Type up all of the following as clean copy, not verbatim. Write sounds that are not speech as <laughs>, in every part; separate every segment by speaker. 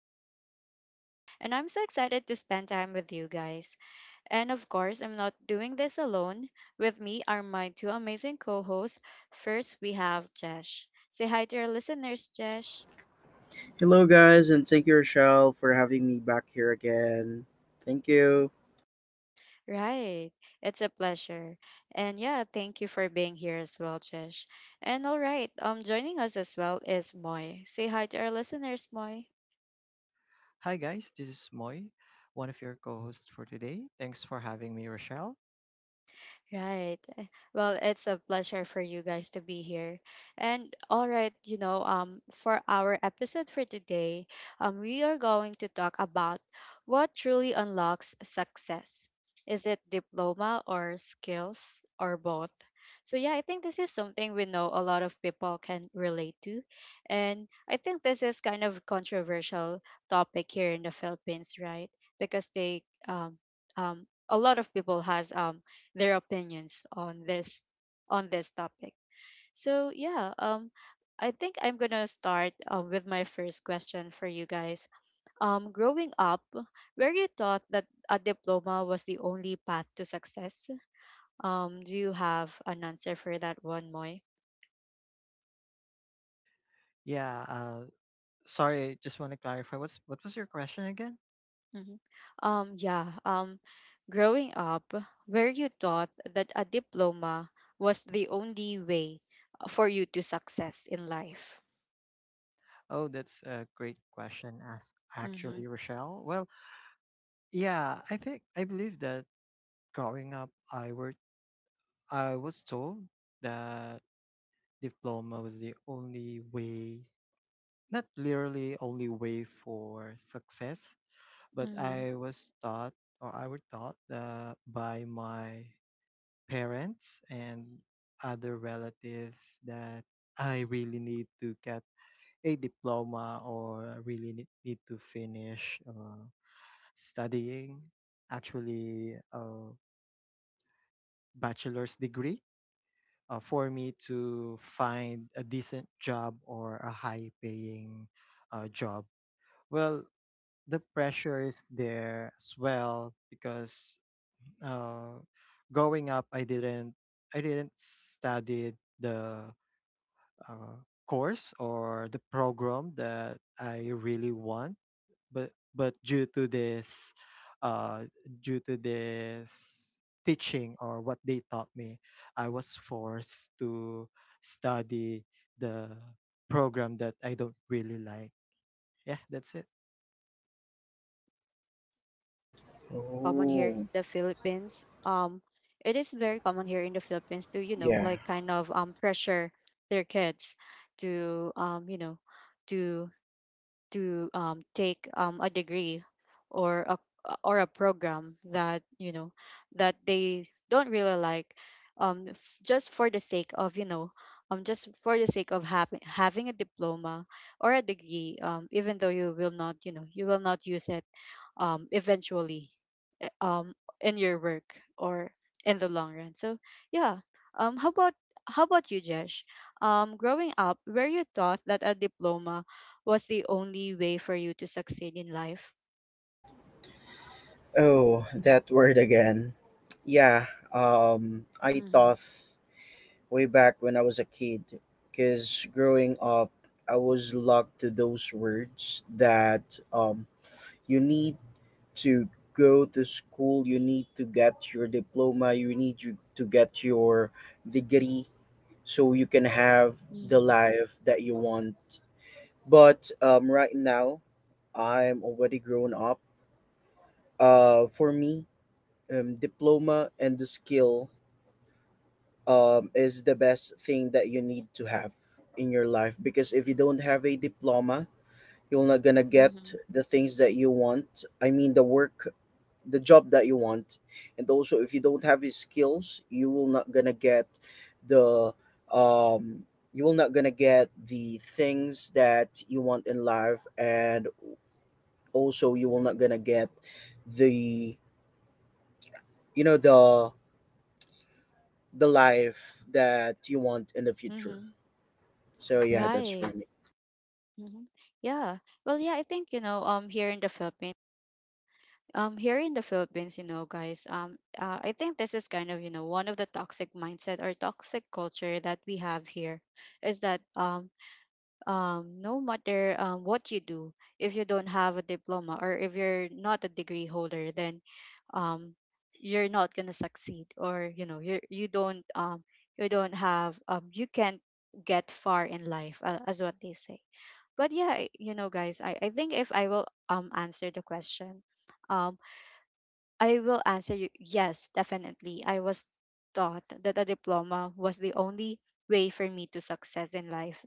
Speaker 1: host, Rochelle, and I'm so excited to spend time with you guys. And of course, I'm not doing this alone. With me are my two amazing co hosts. First, we have Jesh. Say hi to our listeners, Jesh.
Speaker 2: Hello, guys, and thank you, Rochelle, for having me back here again. Thank you.
Speaker 1: Right, it's a pleasure. And yeah, thank you for being here as well, Jesh. And all right, joining us as well is Moy. Say hi to our listeners, Moy.
Speaker 3: Hi, guys. This is Moy, one of your co hosts for today. Thanks for having me, Rochelle.
Speaker 1: Right. Well, it's a pleasure for you guys to be here. And all right, you know, for our episode for today, we are going to talk about what truly unlocks success. Is it diploma or skills or both? So yeah, I think this is something we know a lot of people can relate to. And I think this is kind of controversial topic here in the Philippines, right? Because they um a lot of people has their opinions on this topic. So yeah, I think I'm gonna start with my first question for you guys. Growing up, were you taught that a diploma was the only path to success? Do you have an answer for that one, Moy?
Speaker 3: Yeah, uh, sorry, I just want to clarify. What was your question again?
Speaker 1: hmm yeah. Growing up, were you taught that a diploma was the only way for you to success in life?
Speaker 3: Oh, that's a great question, as
Speaker 1: Mm-hmm.
Speaker 3: actually, Rochelle. I think I believe that growing up, I was told that diploma was the only way, not literally only way for success, but
Speaker 1: Mm-hmm.
Speaker 3: I was taught or I were taught by my parents and other relatives that I really need to get a diploma or I really need to finish studying, actually, a bachelor's degree for me to find a decent job or a high paying job. Well, the pressure is there as well because uh, growing up, I didn't study the uh, course or the program that I really want, but due to uh, this teaching or what they taught me, I was forced to study the program that I don't really like. Yeah, that's it.
Speaker 1: Common here in
Speaker 2: Oh,
Speaker 1: the Philippines. It is very common here in the Philippines to, you know,
Speaker 2: yeah.
Speaker 1: like kind of pressure their kids to you know, to to take a degree or a program that, you know, that they don't really like just for the sake of, you know, just for the sake of having a diploma or a degree even though you will not, you know, you will not use it eventually um in your work or in the long run. So yeah, um how about how about you, Jesh? Growing up, were you taught that a diploma was the only way for you to succeed in life?
Speaker 2: Oh, that word again. Yeah, I
Speaker 1: Mm-hmm.
Speaker 2: thought way back when I was a kid, because growing up, I was locked to those words that you need to go to school, you need to get your diploma, you need you to get your degree so you can have the
Speaker 1: Mm-hmm.
Speaker 2: life that you want. But right now, I'm already grown up. For me, diploma and the skill is the best thing that you need to have in your life, because if you don't have a diploma, you're not gonna
Speaker 1: Mm-hmm.
Speaker 2: get the things that you want. I mean, the work, the job that you want, and also if you don't have the skills, you will not gonna get the um, you will not gonna get the things that you want in life, and also you will not gonna get the you know, the life that you want in the future.
Speaker 1: Mm-hmm.
Speaker 2: So yeah, that's for
Speaker 1: Right.
Speaker 2: me.
Speaker 1: Mm-hmm. Yeah, well, yeah, I think, you know, here in the Philippines, here in the Philippines, you know, guys, I think this is kind of, you know, one of the toxic mindset or toxic culture that we have here is that no matter what you do, if you don't have a diploma or if you're not a degree holder, then um, you're not gonna succeed, or you know, you don't you don't have you can't get far in life, as what they say. But yeah, you know, guys, I think if I will answer the question, um, I will answer you yes, definitely. I was taught that a diploma was the only way for me to success in life,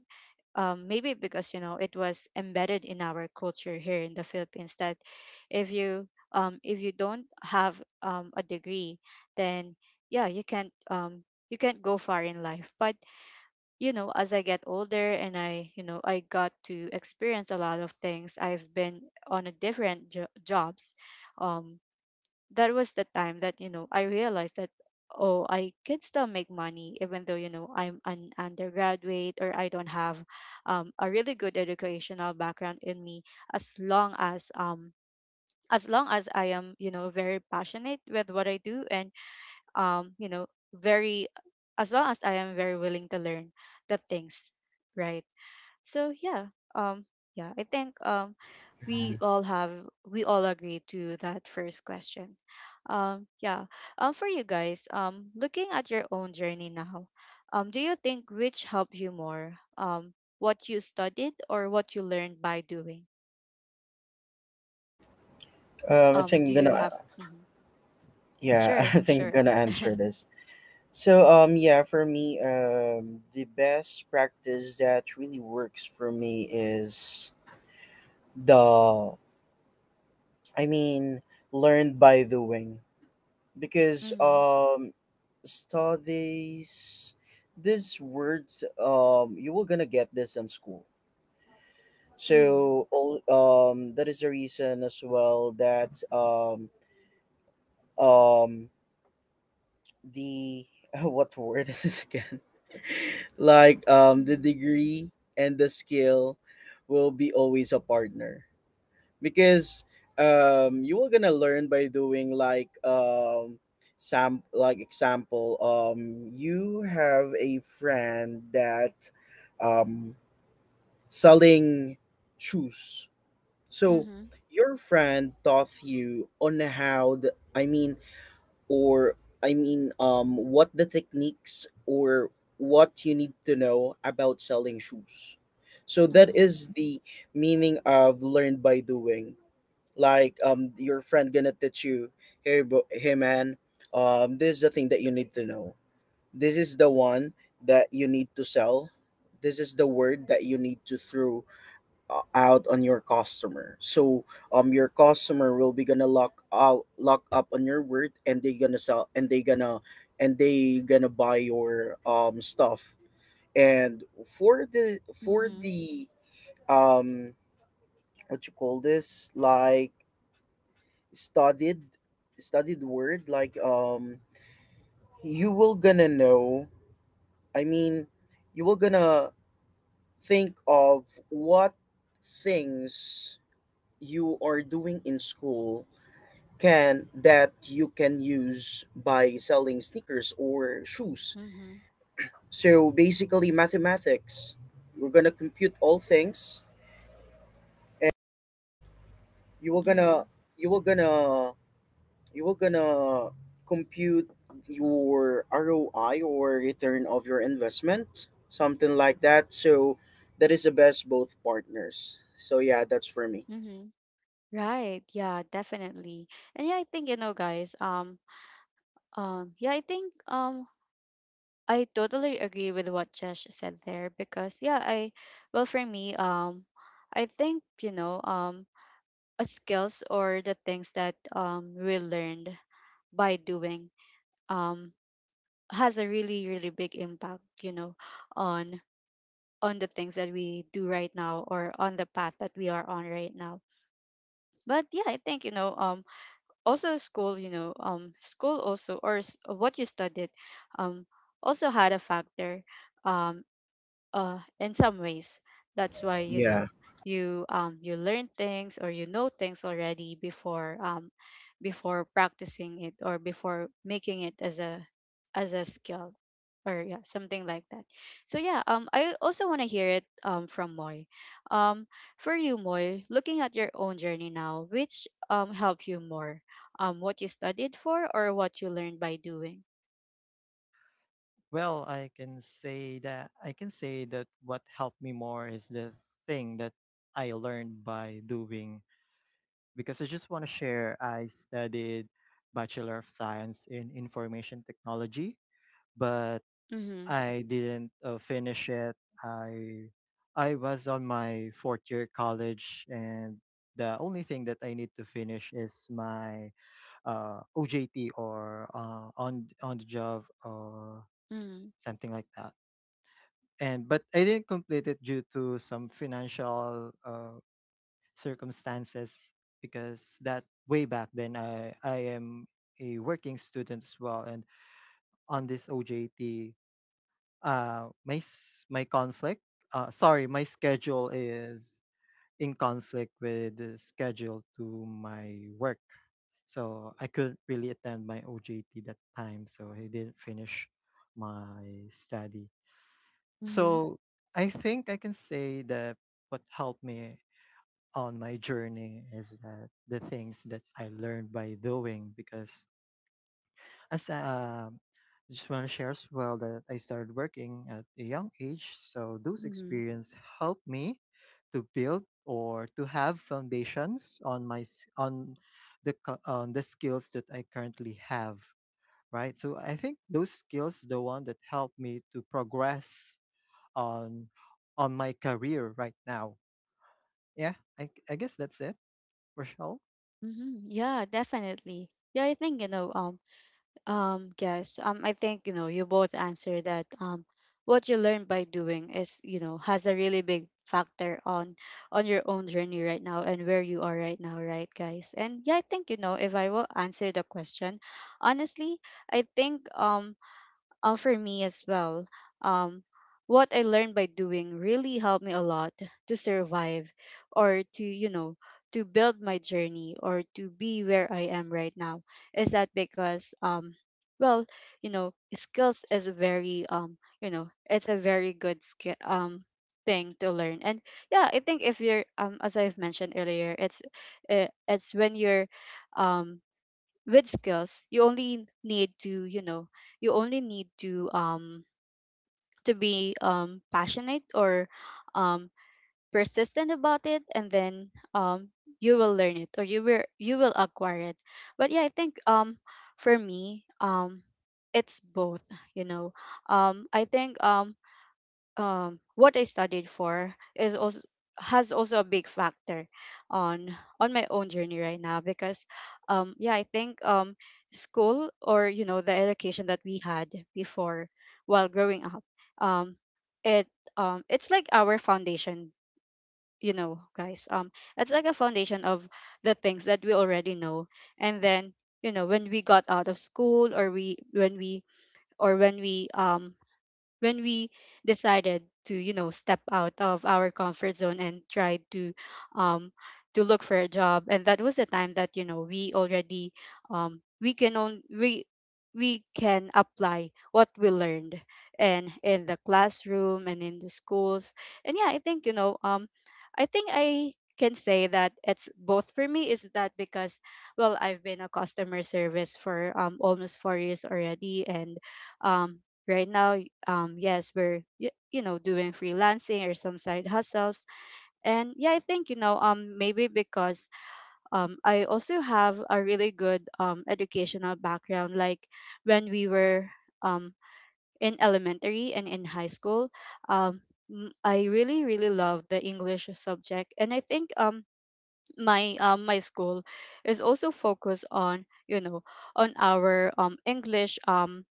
Speaker 1: maybe because you know it was embedded in our culture here in the Philippines that if you if you don't have a degree, then yeah, you can't go far in life. But you know, as I get older and I, you know, I got to experience a lot of things. I've been on a different jobs. Um, that was the time that you know I realized that oh, I can still make money even though you know I'm an undergraduate or I don't have a really good educational background in me, as long as um as long as I am, you know, very passionate with what I do and you know, very as long as I am very willing to learn the things. Right. So yeah, um yeah, I think we all have, we all agree to that first question. Yeah. For you guys, looking at your own journey now, do you think which helped you more, what you studied or what you learned by doing?
Speaker 2: I think I'm
Speaker 1: Do you have—
Speaker 2: gonna
Speaker 1: Mhm.
Speaker 2: Yeah, <laughs>
Speaker 1: Sure,
Speaker 2: I think
Speaker 1: sure.
Speaker 2: I'm gonna answer
Speaker 1: <laughs>
Speaker 2: this. So yeah, for me, the best practice that really works for me is the I mean, learn by doing, because
Speaker 1: Mm-hmm.
Speaker 2: studies, this words, you were gonna get this in school.
Speaker 1: Mm-hmm.
Speaker 2: So all that is the reason as well that um the <laughs> what word is this again? <laughs> Like the
Speaker 1: Mm-hmm.
Speaker 2: degree and the skill will be always a partner, because you are gonna learn by doing. Like sam, like example, you have a friend that um selling shoes. So,
Speaker 1: Mm-hmm.
Speaker 2: your friend taught you on how I mean, or I mean, what the techniques or what you need to know about selling shoes. So that
Speaker 1: Mm-hmm.
Speaker 2: is the meaning of learn by doing. Like, your friend gonna teach you, hey, bro, hey, man, this is the thing that you need to know. This is the one that you need to sell. This is the word that you need to throw out on your customer. So your customer will be gonna lock out, lock up on your word, and they gonna sell, and they gonna buy your stuff. And for the
Speaker 1: Mm-hmm.
Speaker 2: um what you call this, like studied, word, like you will gonna know, I mean, you will gonna think of what things you are doing in school can, that you can use by selling sneakers or shoes.
Speaker 1: Mm-hmm.
Speaker 2: So basically mathematics, we're gonna compute all things, and you will gonna
Speaker 1: Hmm.
Speaker 2: you will gonna you will gonna compute your ROI, or return of your investment, something like that. So that is the best, both partners. So yeah, that's for me.
Speaker 1: Hmm. Right. Yeah, definitely. And yeah, I think, you know, guys, yeah, I think, I totally agree with what Josh said there, because yeah, I, well for me, I think, you know, skills or the things that we learned by doing um has a really big impact, you know, on on the things that we do right now or on the path that we are on right now. But yeah, I think, you know, also school, you know, school also or what you studied um also had a factor um in some ways. That's why you
Speaker 2: Yeah.
Speaker 1: know you you learn things or you know things already before before practicing it or before making it as a, as a skill or yeah, something like that. So yeah, I also want to hear it from Moy. um for you, Moy, looking at your own journey now, which helped you more, what you studied for or what you learned by doing?
Speaker 3: I can say that I can say that what helped me more is the thing that I learned by doing because I just want to share I studied Bachelor of Science in Information Technology, but
Speaker 1: Mm-hmm.
Speaker 3: I didn't finish it. I I was on my fourth year college, and the only thing that I need to finish is my OJT or on the job or
Speaker 1: Mm-hmm.
Speaker 3: something like that. And but I didn't complete it due to some financial circumstances because that way back then I am a working student as well and on this OJT my s- my conflict sorry my schedule is in conflict with the schedule to my work, so I couldn't really attend my OJT that time, so I didn't finish my study.
Speaker 1: Mm-hmm.
Speaker 3: So I think I can say that what helped me on my journey is that the things that I learned by doing because as just want to share as well that I started working at a young age, so those experience helped me to build or to have foundations on my s- on the co- on the skills that I currently have, right? So I think those skills the one that helped me to progress on on my career right now. Yeah, I guess that's it, Rochelle.
Speaker 1: Mhm. Yeah, definitely. Yeah, I think, you know, yes, I think, you know, you both answered that, what you learn by doing is, you know, has a really big factor on your own journey right now and where you are right now, right, guys? And yeah, I think, you know, if I will answer the question, honestly, I think, for me as well, um, what I learned by doing really helped me a lot to survive or to, you know, to build my journey or to be where I am right now. Is that because, well, you know, skills is a very, you know, it's a very good skill, thing to learn. And yeah, I think if you're, as I've mentioned earlier, it's when you're, um, with skills, you only need to, you know, you only need to be passionate or um persistent about it, and then um you will learn it, or you will acquire it. But yeah, I think, for me, it's both, you know. I think what I studied for is also, has also a big factor on on my own journey right now. Because yeah, I think school or, you know, the education that we had before while growing up, um it it's like our foundation, you know, guys. It's like a foundation of the things that we already know. And then, you know, when we got out of school, or we when we or when we, when we decided to, you know, step out of our comfort zone and try um to look for a job. And that was the time that you know we already, um we can on we we can apply what we learned and in the classroom and in the schools. And yeah, I think, you know, I think I can say that it's both for me. Is that because well, I've been a customer service for almost 4 years already. And right now, yes, we're, you know, doing freelancing or some side hustles. And yeah, I think, you know, maybe because I also have a really good educational background. Like when we were um in elementary and in high school, um I really love the English subject. And I think my my school is also focused on, you know, on our English, um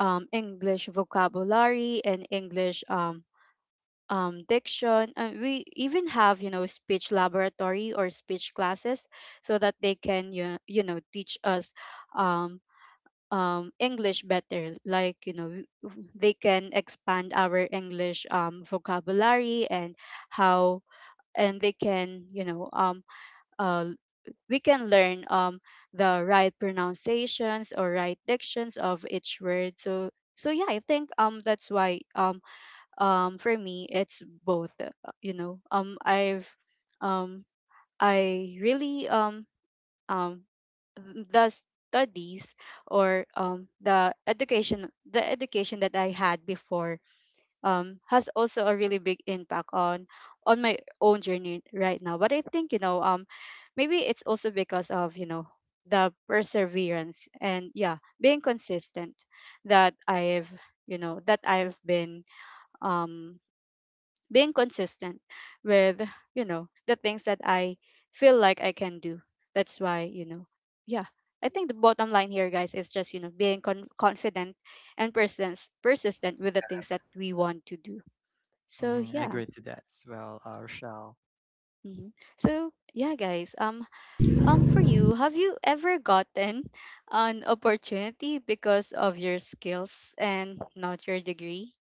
Speaker 1: um English vocabulary and English, diction. And we even have, you know, speech laboratory or speech classes so that they can you know, teach us um, English better, like, you know, they can expand our English, vocabulary and how, and they can, you know, uh, we can learn the right pronunciations or right dictions of each word. So so yeah, I think that's why for me it's both. You know, I've um I really um the studies or the education, that I had before has also a really big impact on my own journey right now. But I think, you know, maybe it's also because of, you know, the perseverance and yeah, being consistent that I've, you know, that I've been um being consistent with, you know, the things that I feel like I can do, that's why you know. Yeah, I think the bottom line here, guys, is just, you know, being confident and persistent with the things that we want to do. So
Speaker 3: I
Speaker 1: yeah.
Speaker 3: agree to that as well, Rochelle.
Speaker 1: Hmm. So yeah, guys, for you, have you ever gotten an opportunity because of your skills and not Your degree.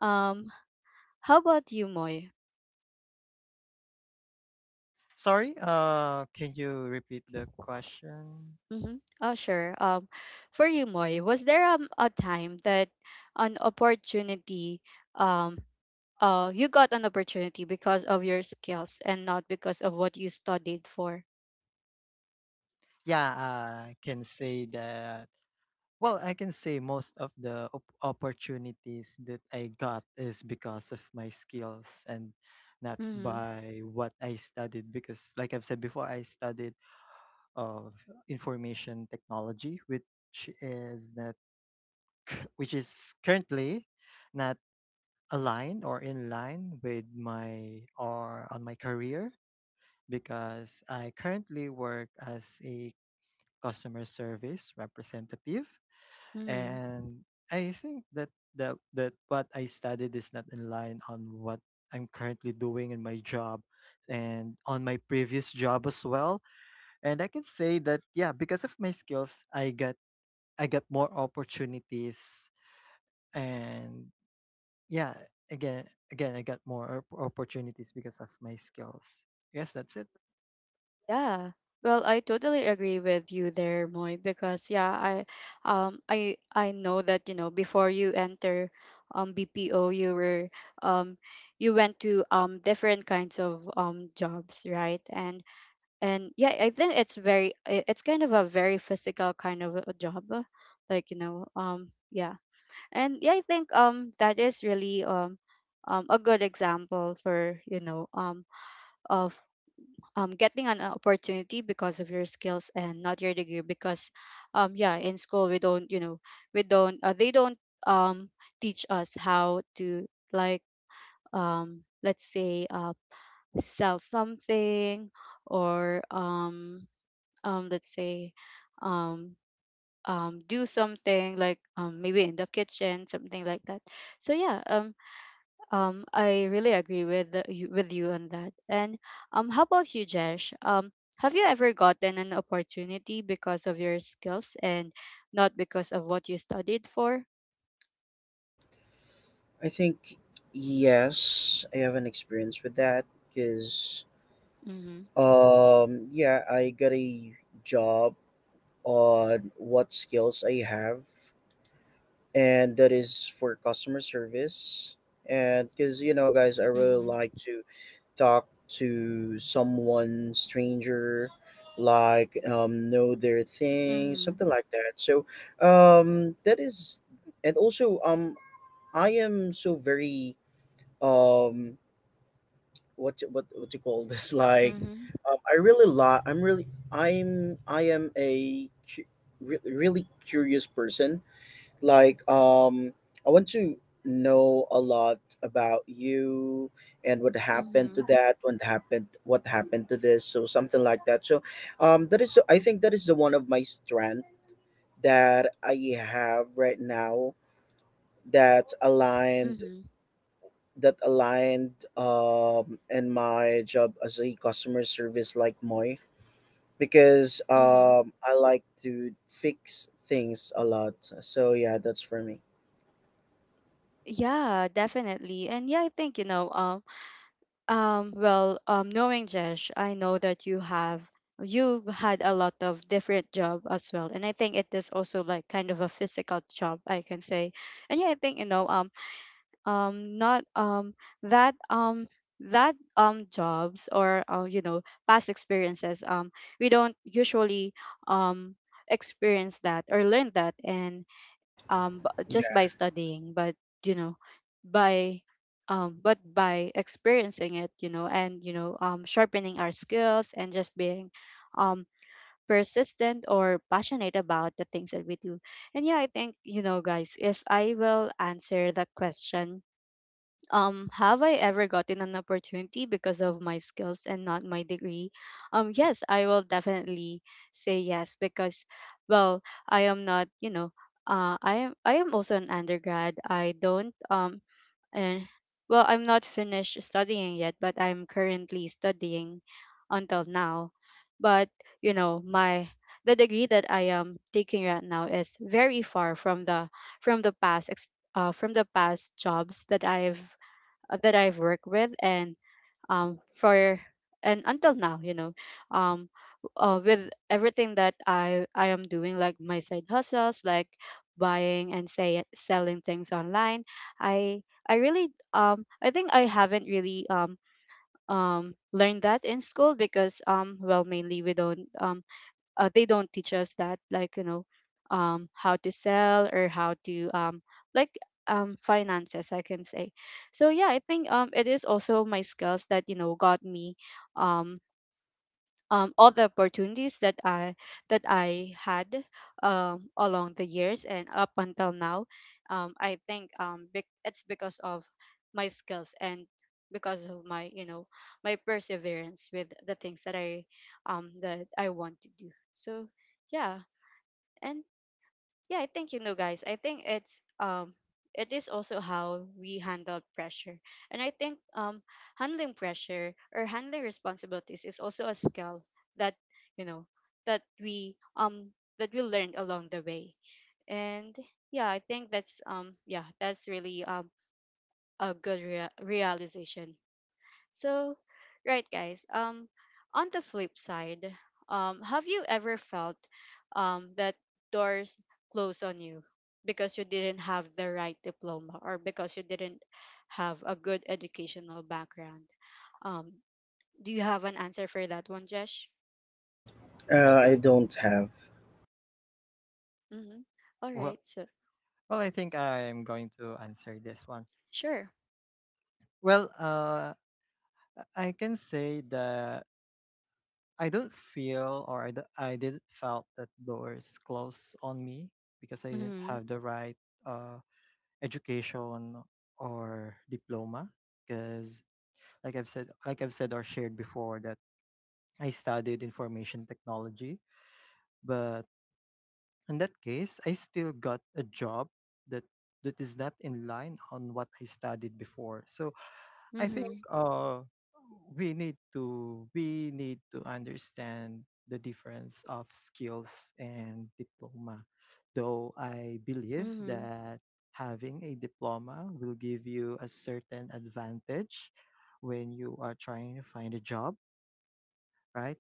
Speaker 1: um how about you, Moy?
Speaker 3: Sorry, can you repeat the question?
Speaker 1: Mm-hmm. Oh, sure. For you, Moy, was there a time that an um, you got an opportunity because of your skills and not because of what you studied for?
Speaker 3: Yeah, I can say that. Well, I can say most of the opportunities that I got is because of my skills and not
Speaker 1: Mm-hmm.
Speaker 3: by what I studied. Because, like I've said before, I studied of information technology, is that which is currently not aligned or in line with my or on my career because I currently work as a customer service representative,
Speaker 1: Mm-hmm.
Speaker 3: and I think that what I studied is not in line on what I'm currently doing in my job and on my previous job as well. And I can say that, yeah, because of my skills I get more opportunities and. Yeah, again, I got more opportunities because of my skills. Yes, that's it.
Speaker 1: Yeah. Well, I totally agree with you there, Moy, because yeah, I know that you know before you enter, BPO, um, you went to different kinds of jobs, right? And yeah, I think it's it's kind of a very physical kind of a job, like you know, yeah. And yeah, I think that is really a good example for you know, of getting an opportunity because of your skills and not your degree. Because yeah, in school we don't you know, we don't they don't um teach us how to, like, let's say sell something, or let's say um do something like maybe in the kitchen, something like that. So yeah, I really agree with you, with you on that. And how about you, Jesh? Have you ever gotten an opportunity because of your skills and not because of what you studied for?
Speaker 2: I think yes, I have an experience with that, because
Speaker 1: Mm-hmm.
Speaker 2: Yeah, I got a job on what skills I have, and that is for customer service. And because, you know, guys, I really
Speaker 1: Mm-hmm.
Speaker 2: like to talk to someone stranger, like, know their thing, something
Speaker 1: Mm-hmm.
Speaker 2: like that. So, that is, and also, I am so very, um, what you call this <laughs> like
Speaker 1: Mm-hmm.
Speaker 2: I really lot I'm really I'm I am a cu- re- really curious person, like I want to know a lot about you, and what happened
Speaker 1: Mm-hmm.
Speaker 2: to that, what happened to this, so something like that. So that is, I think that is the one of my strength that I have right now, that's aligned
Speaker 1: Mm-hmm.
Speaker 2: that aligned and my job as a customer service, like Moi, because
Speaker 1: Hmm.
Speaker 2: I like to fix things a lot, so yeah, that's for me.
Speaker 1: Yeah, definitely. And yeah, I think you know, well, knowing Jesh, I know that you've had a lot of different job as well, and I think it is also like kind of a physical job, I can say. And yeah, I think you know, not that that jobs or, you know, past experiences, we don't usually um experience that or learn that in, just by
Speaker 2: Yeah.
Speaker 1: studying. But you know, by but by experiencing it, you know. And you know, sharpening our skills and just being um persistent or passionate about the things that we do. And yeah, I think you know guys, if I will answer the question, have I ever gotten an opportunity because of my skills and not my degree? Yes, I will definitely say yes, because, well, I am not you know, I am also an undergrad. I don't and, well, I'm not finished studying yet, but I'm currently studying until now. But you know, my the degree that I am taking right now is very far from the from the from the past jobs that I've worked with. And for, and until now, you know, um with everything that I am doing, like my side hustles, like buying and say selling things online, I I really, I think I haven't really, learned that in school. Because well, mainly we don't, they don't teach us that. Like you know, how to sell or how to, like, finances, I can say. So yeah, I think it is also my skills that you know got me um all the opportunities that I had, along the years and up until now. I think it's because of my skills and because of my you know, my perseverance with the things that I that I want to do. So yeah. And yeah, I think you know guys, I think it's it is also how we handle pressure. And I think handling pressure or handling responsibilities is also a skill that you know, that we um that we learned along the way. And yeah, I think that's yeah, that's really a good realization. So, right guys, on the flip side, have you ever felt that doors close on you because you didn't have the right diploma, or because you didn't have a good educational background? Um do you have an answer for that one, Jesh?
Speaker 2: I don't have.
Speaker 1: Mhm. All right.
Speaker 3: Well,
Speaker 1: So,
Speaker 3: well, I think I'm going to answer this one.
Speaker 1: sure.
Speaker 3: Well, I can say that I don't feel or I didn't felt that doors closed on me because I didn't
Speaker 1: Mhm.
Speaker 3: have the right uh, education or diploma. Because, like I've said or shared before, that I studied information technology, but in that case, I still got a job that is not in line on what I studied before. So I think
Speaker 1: Mhm.
Speaker 3: we need to understand the difference of skills and diploma. Though I believe
Speaker 1: Mhm.
Speaker 3: that having a diploma will give you a certain advantage when you are trying to find a job, right?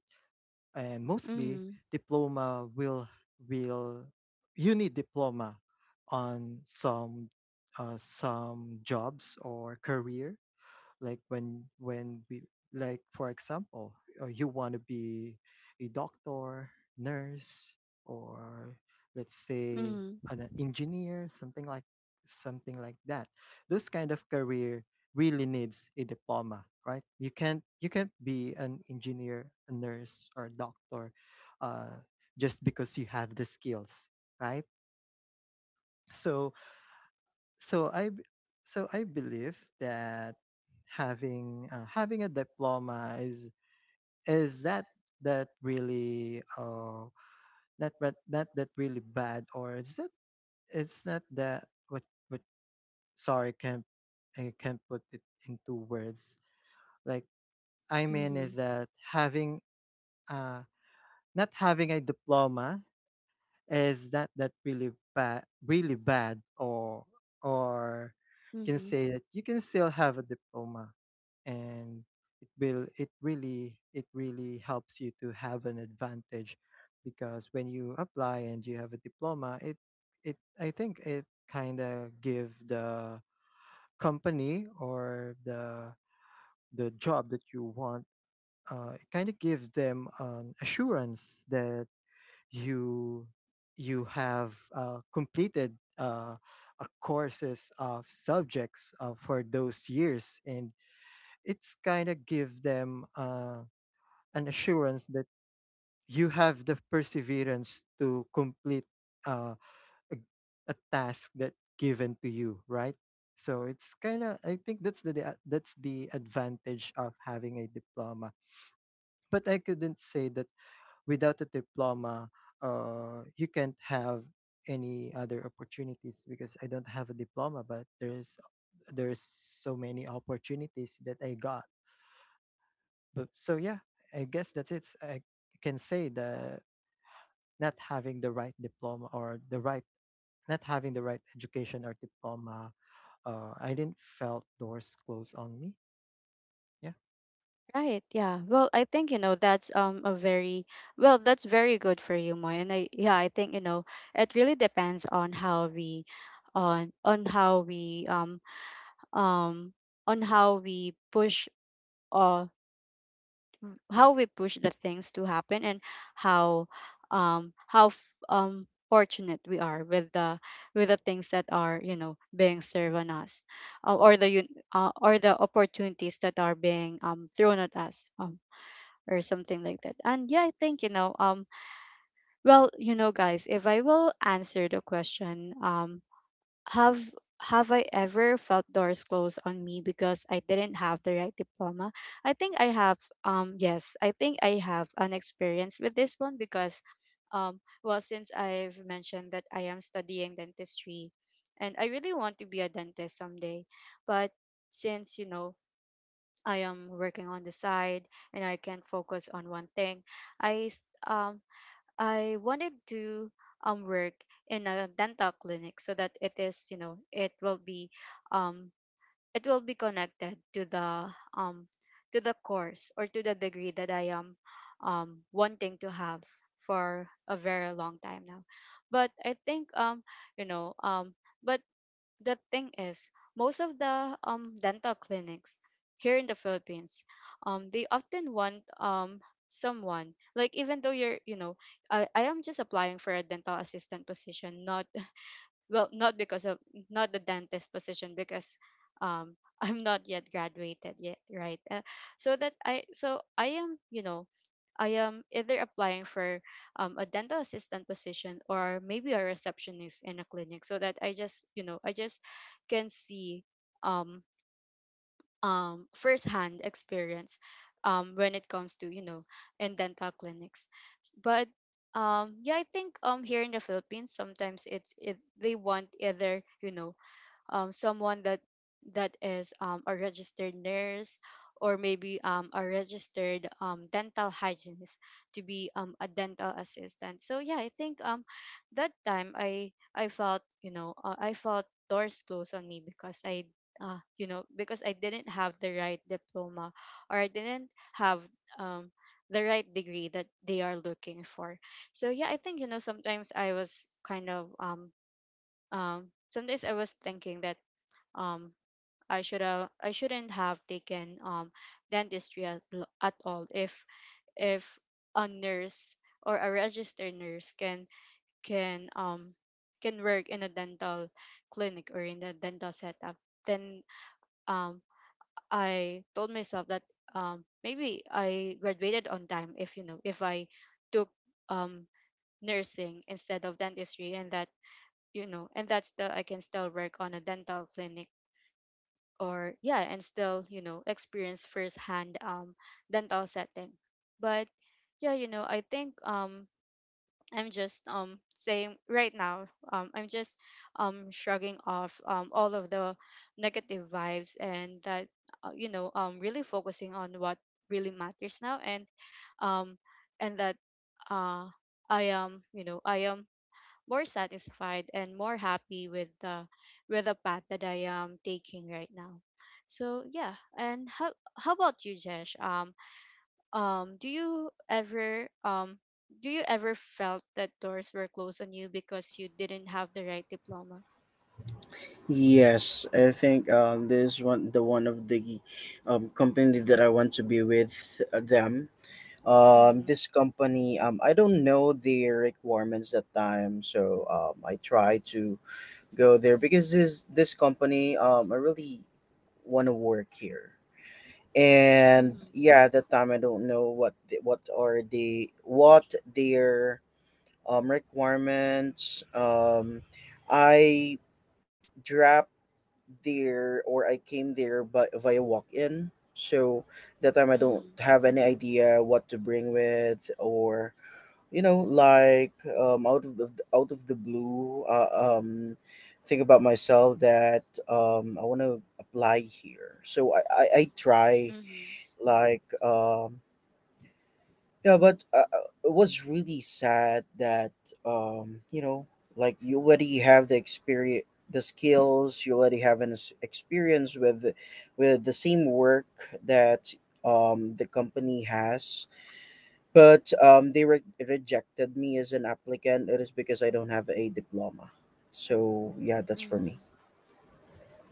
Speaker 3: And mostly
Speaker 1: Mhm.
Speaker 3: diploma will you need diploma on some jobs or career, like when we, like for example, you want to be a doctor, nurse, or let's say
Speaker 1: Mhm.
Speaker 3: an engineer, something like that. Those kind of career really needs a diploma, right? You can't be an engineer, a nurse, or a doctor uh, just because you have the skills, right? So so I b- so I believe that having a diploma is that that really not not that really bad, or is that it's not that what, sorry, can't I can't put it into words, like I mean is
Speaker 1: Mhm.
Speaker 3: that having uh not having a diploma is that that really bad really bad, or can
Speaker 1: Mhm.
Speaker 3: say that you can still have a diploma, and it really helps you to have an advantage because when you apply and you have a diploma, it I think it kind of give the company or the job that you want, it kind of give them an assurance that you you have completed a courses of subjects for those years, and it's kind of give them an assurance that you have the perseverance to complete uh, a, a task that given to you, right? So it's kind of I think that's that's the advantage of having a diploma. But I couldn't say that without a diploma, you can't have any other opportunities because I don't have a diploma, but there's so many opportunities that I got. But so yeah, I guess that's it. I can say the not having the right diploma or the right not having the right education or diploma, I didn't felt doors close on me. Yeah.
Speaker 1: Right, yeah. Well, I think you know that's a very, well, that's very good for you, Moy. And I, yeah, I think you know, it really depends on how we, on how we um on how we push uh how we push the things to happen. And how how fortunate we are with the things that are you know being served on us, uh, or the un- or the opportunities that are being thrown at us. Or something like that. And yeah, I think you know, well, you know guys, if I will answer the question, have have I ever felt doors close on me because I didn't have the right diploma? I think I have. Yes, I think I have an experience with this one. Because, well, since I've mentioned that I am studying dentistry, and I really want to be a dentist someday, but since you know, I am working on the side and I can't focus on one thing. I s- um I wanted to work in a dental clinic, so that it is you know, um it will be connected to the, um to the course or to the degree that I am wanting to have for a very long time now. But I think you know, but the thing is, most of the, dental clinics here in the Philippines, they often want, someone, like, even though you know, I am just applying for a dental assistant position, not, well, not because of, not the dentist position because um <laughs> I'm not yet graduated yet, right? So that I so I am you know, I am either applying for, a dental assistant position, or maybe a receptionist in a clinic, so that I just you know, I just can see, um first-hand experience, when it comes to you know, in dental clinics. But yeah, I think here in the Philippines, sometimes they want either you know, someone that, that is, a registered nurse, or maybe a registered dental hygienist to be, a dental assistant. So yeah, I think that time, I felt you know, I felt doors closed on me because I you know, because I didn't have the right diploma, or I didn't have, um, the right degree that they are looking for. So yeah, I think you know, sometimes I was kind of, sometimes I was thinking that um I shouldn't have taken dentistry at all, if a nurse or a registered nurse can, can um can work in a dental clinic or in a dental setup. Then um I told myself that maybe I graduated on time if you know, if I took um nursing instead of dentistry. And that you know, and that's the I can still work on a dental clinic, or, yeah, and still you know experience firsthand, dental setting. But yeah, you know, I think I'm just saying right now, I'm just shrugging off all of the negative vibes. And that, you know, really focusing on what really matters now. And um and that, uh I am you know, I am more satisfied and more happy with the, with the path that I am taking right now. So yeah. And how about you, Jesh? Um, do you ever um do you ever felt that doors were closed on you because you didn't have the right diploma?
Speaker 2: Yes, I think this is one, the one of the company that I want to be with, them.
Speaker 1: Mm-hmm.
Speaker 2: This company, I don't know the requirements that time, so I try to go there because this company, I really want to work here. And
Speaker 1: Mm-hmm.
Speaker 2: yeah, at that time I don't know what the, what are the, what their requirements. I dropped there, or I came there, but via walk in. So that time I don't
Speaker 1: Mm-hmm.
Speaker 2: have any idea what to bring with, or you know, like out of the blue, think about myself that I want to apply here, so I try,
Speaker 1: Mm-hmm.
Speaker 2: like yeah. But it was really sad that you know, like you already have the experience, the skills, you already have an ex- experience with the same work that the company has, but they re- rejected me as an applicant. It is because I don't have a diploma. So yeah, that's for me.
Speaker 1: Mm-hmm.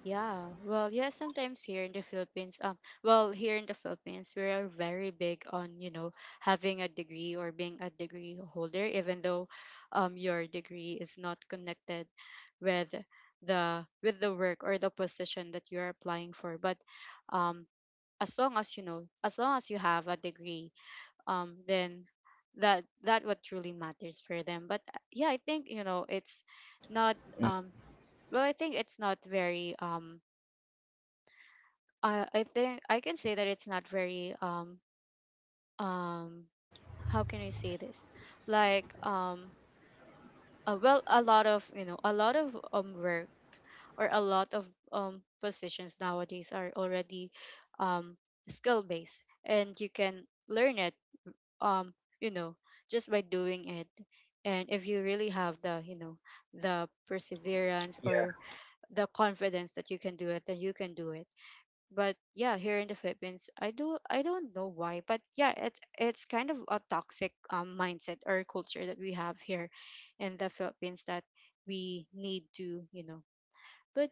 Speaker 1: Yeah, well, yeah, sometimes here in the Philippines, well, here in the Philippines, we are very big on, you know, having a degree or being a degree holder, even though, your degree is not connected with with the work or the position that you're applying for. But, um, as long as you know, as long as you have a degree, then that what truly matters for them. But yeah, I think, you know, it's not, um, well, I think it's not very, I think I can say that it's not very um how can I say this? Like well, a lot of you know, a lot of work or a lot of positions nowadays are already um skill based, and you can learn it um you know, just by doing it. And if you really have the you know, the perseverance
Speaker 2: Yeah.
Speaker 1: or the confidence that you can do it, then you can do it. But yeah, here in the Philippines, I don't know why, but yeah, it's kind of a toxic, mindset or culture that we have here in the Philippines, that we need to you know. But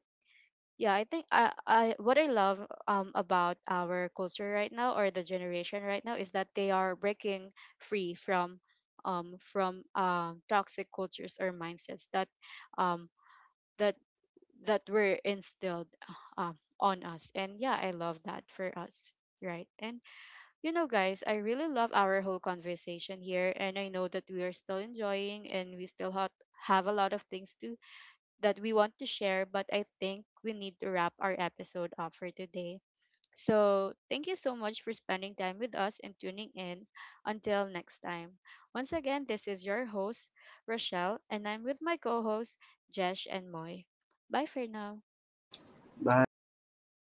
Speaker 1: yeah, I think I, what I love about our culture right now, or the generation right now, is that they are breaking free from, toxic cultures or mindsets that, um, that, that were instilled, on us. And yeah, I love that for us. Right. And you know guys, I really love our whole conversation here. And I know that we are still enjoying and we still have a lot of things to, that we want to share. But I think we need to wrap our episode up for today. So thank you so much for spending time with us and tuning in. Until next time. Once again, this is your host, Rochelle, and I'm with my co hosts, Jesh and Moy. Bye for now.
Speaker 2: Bye.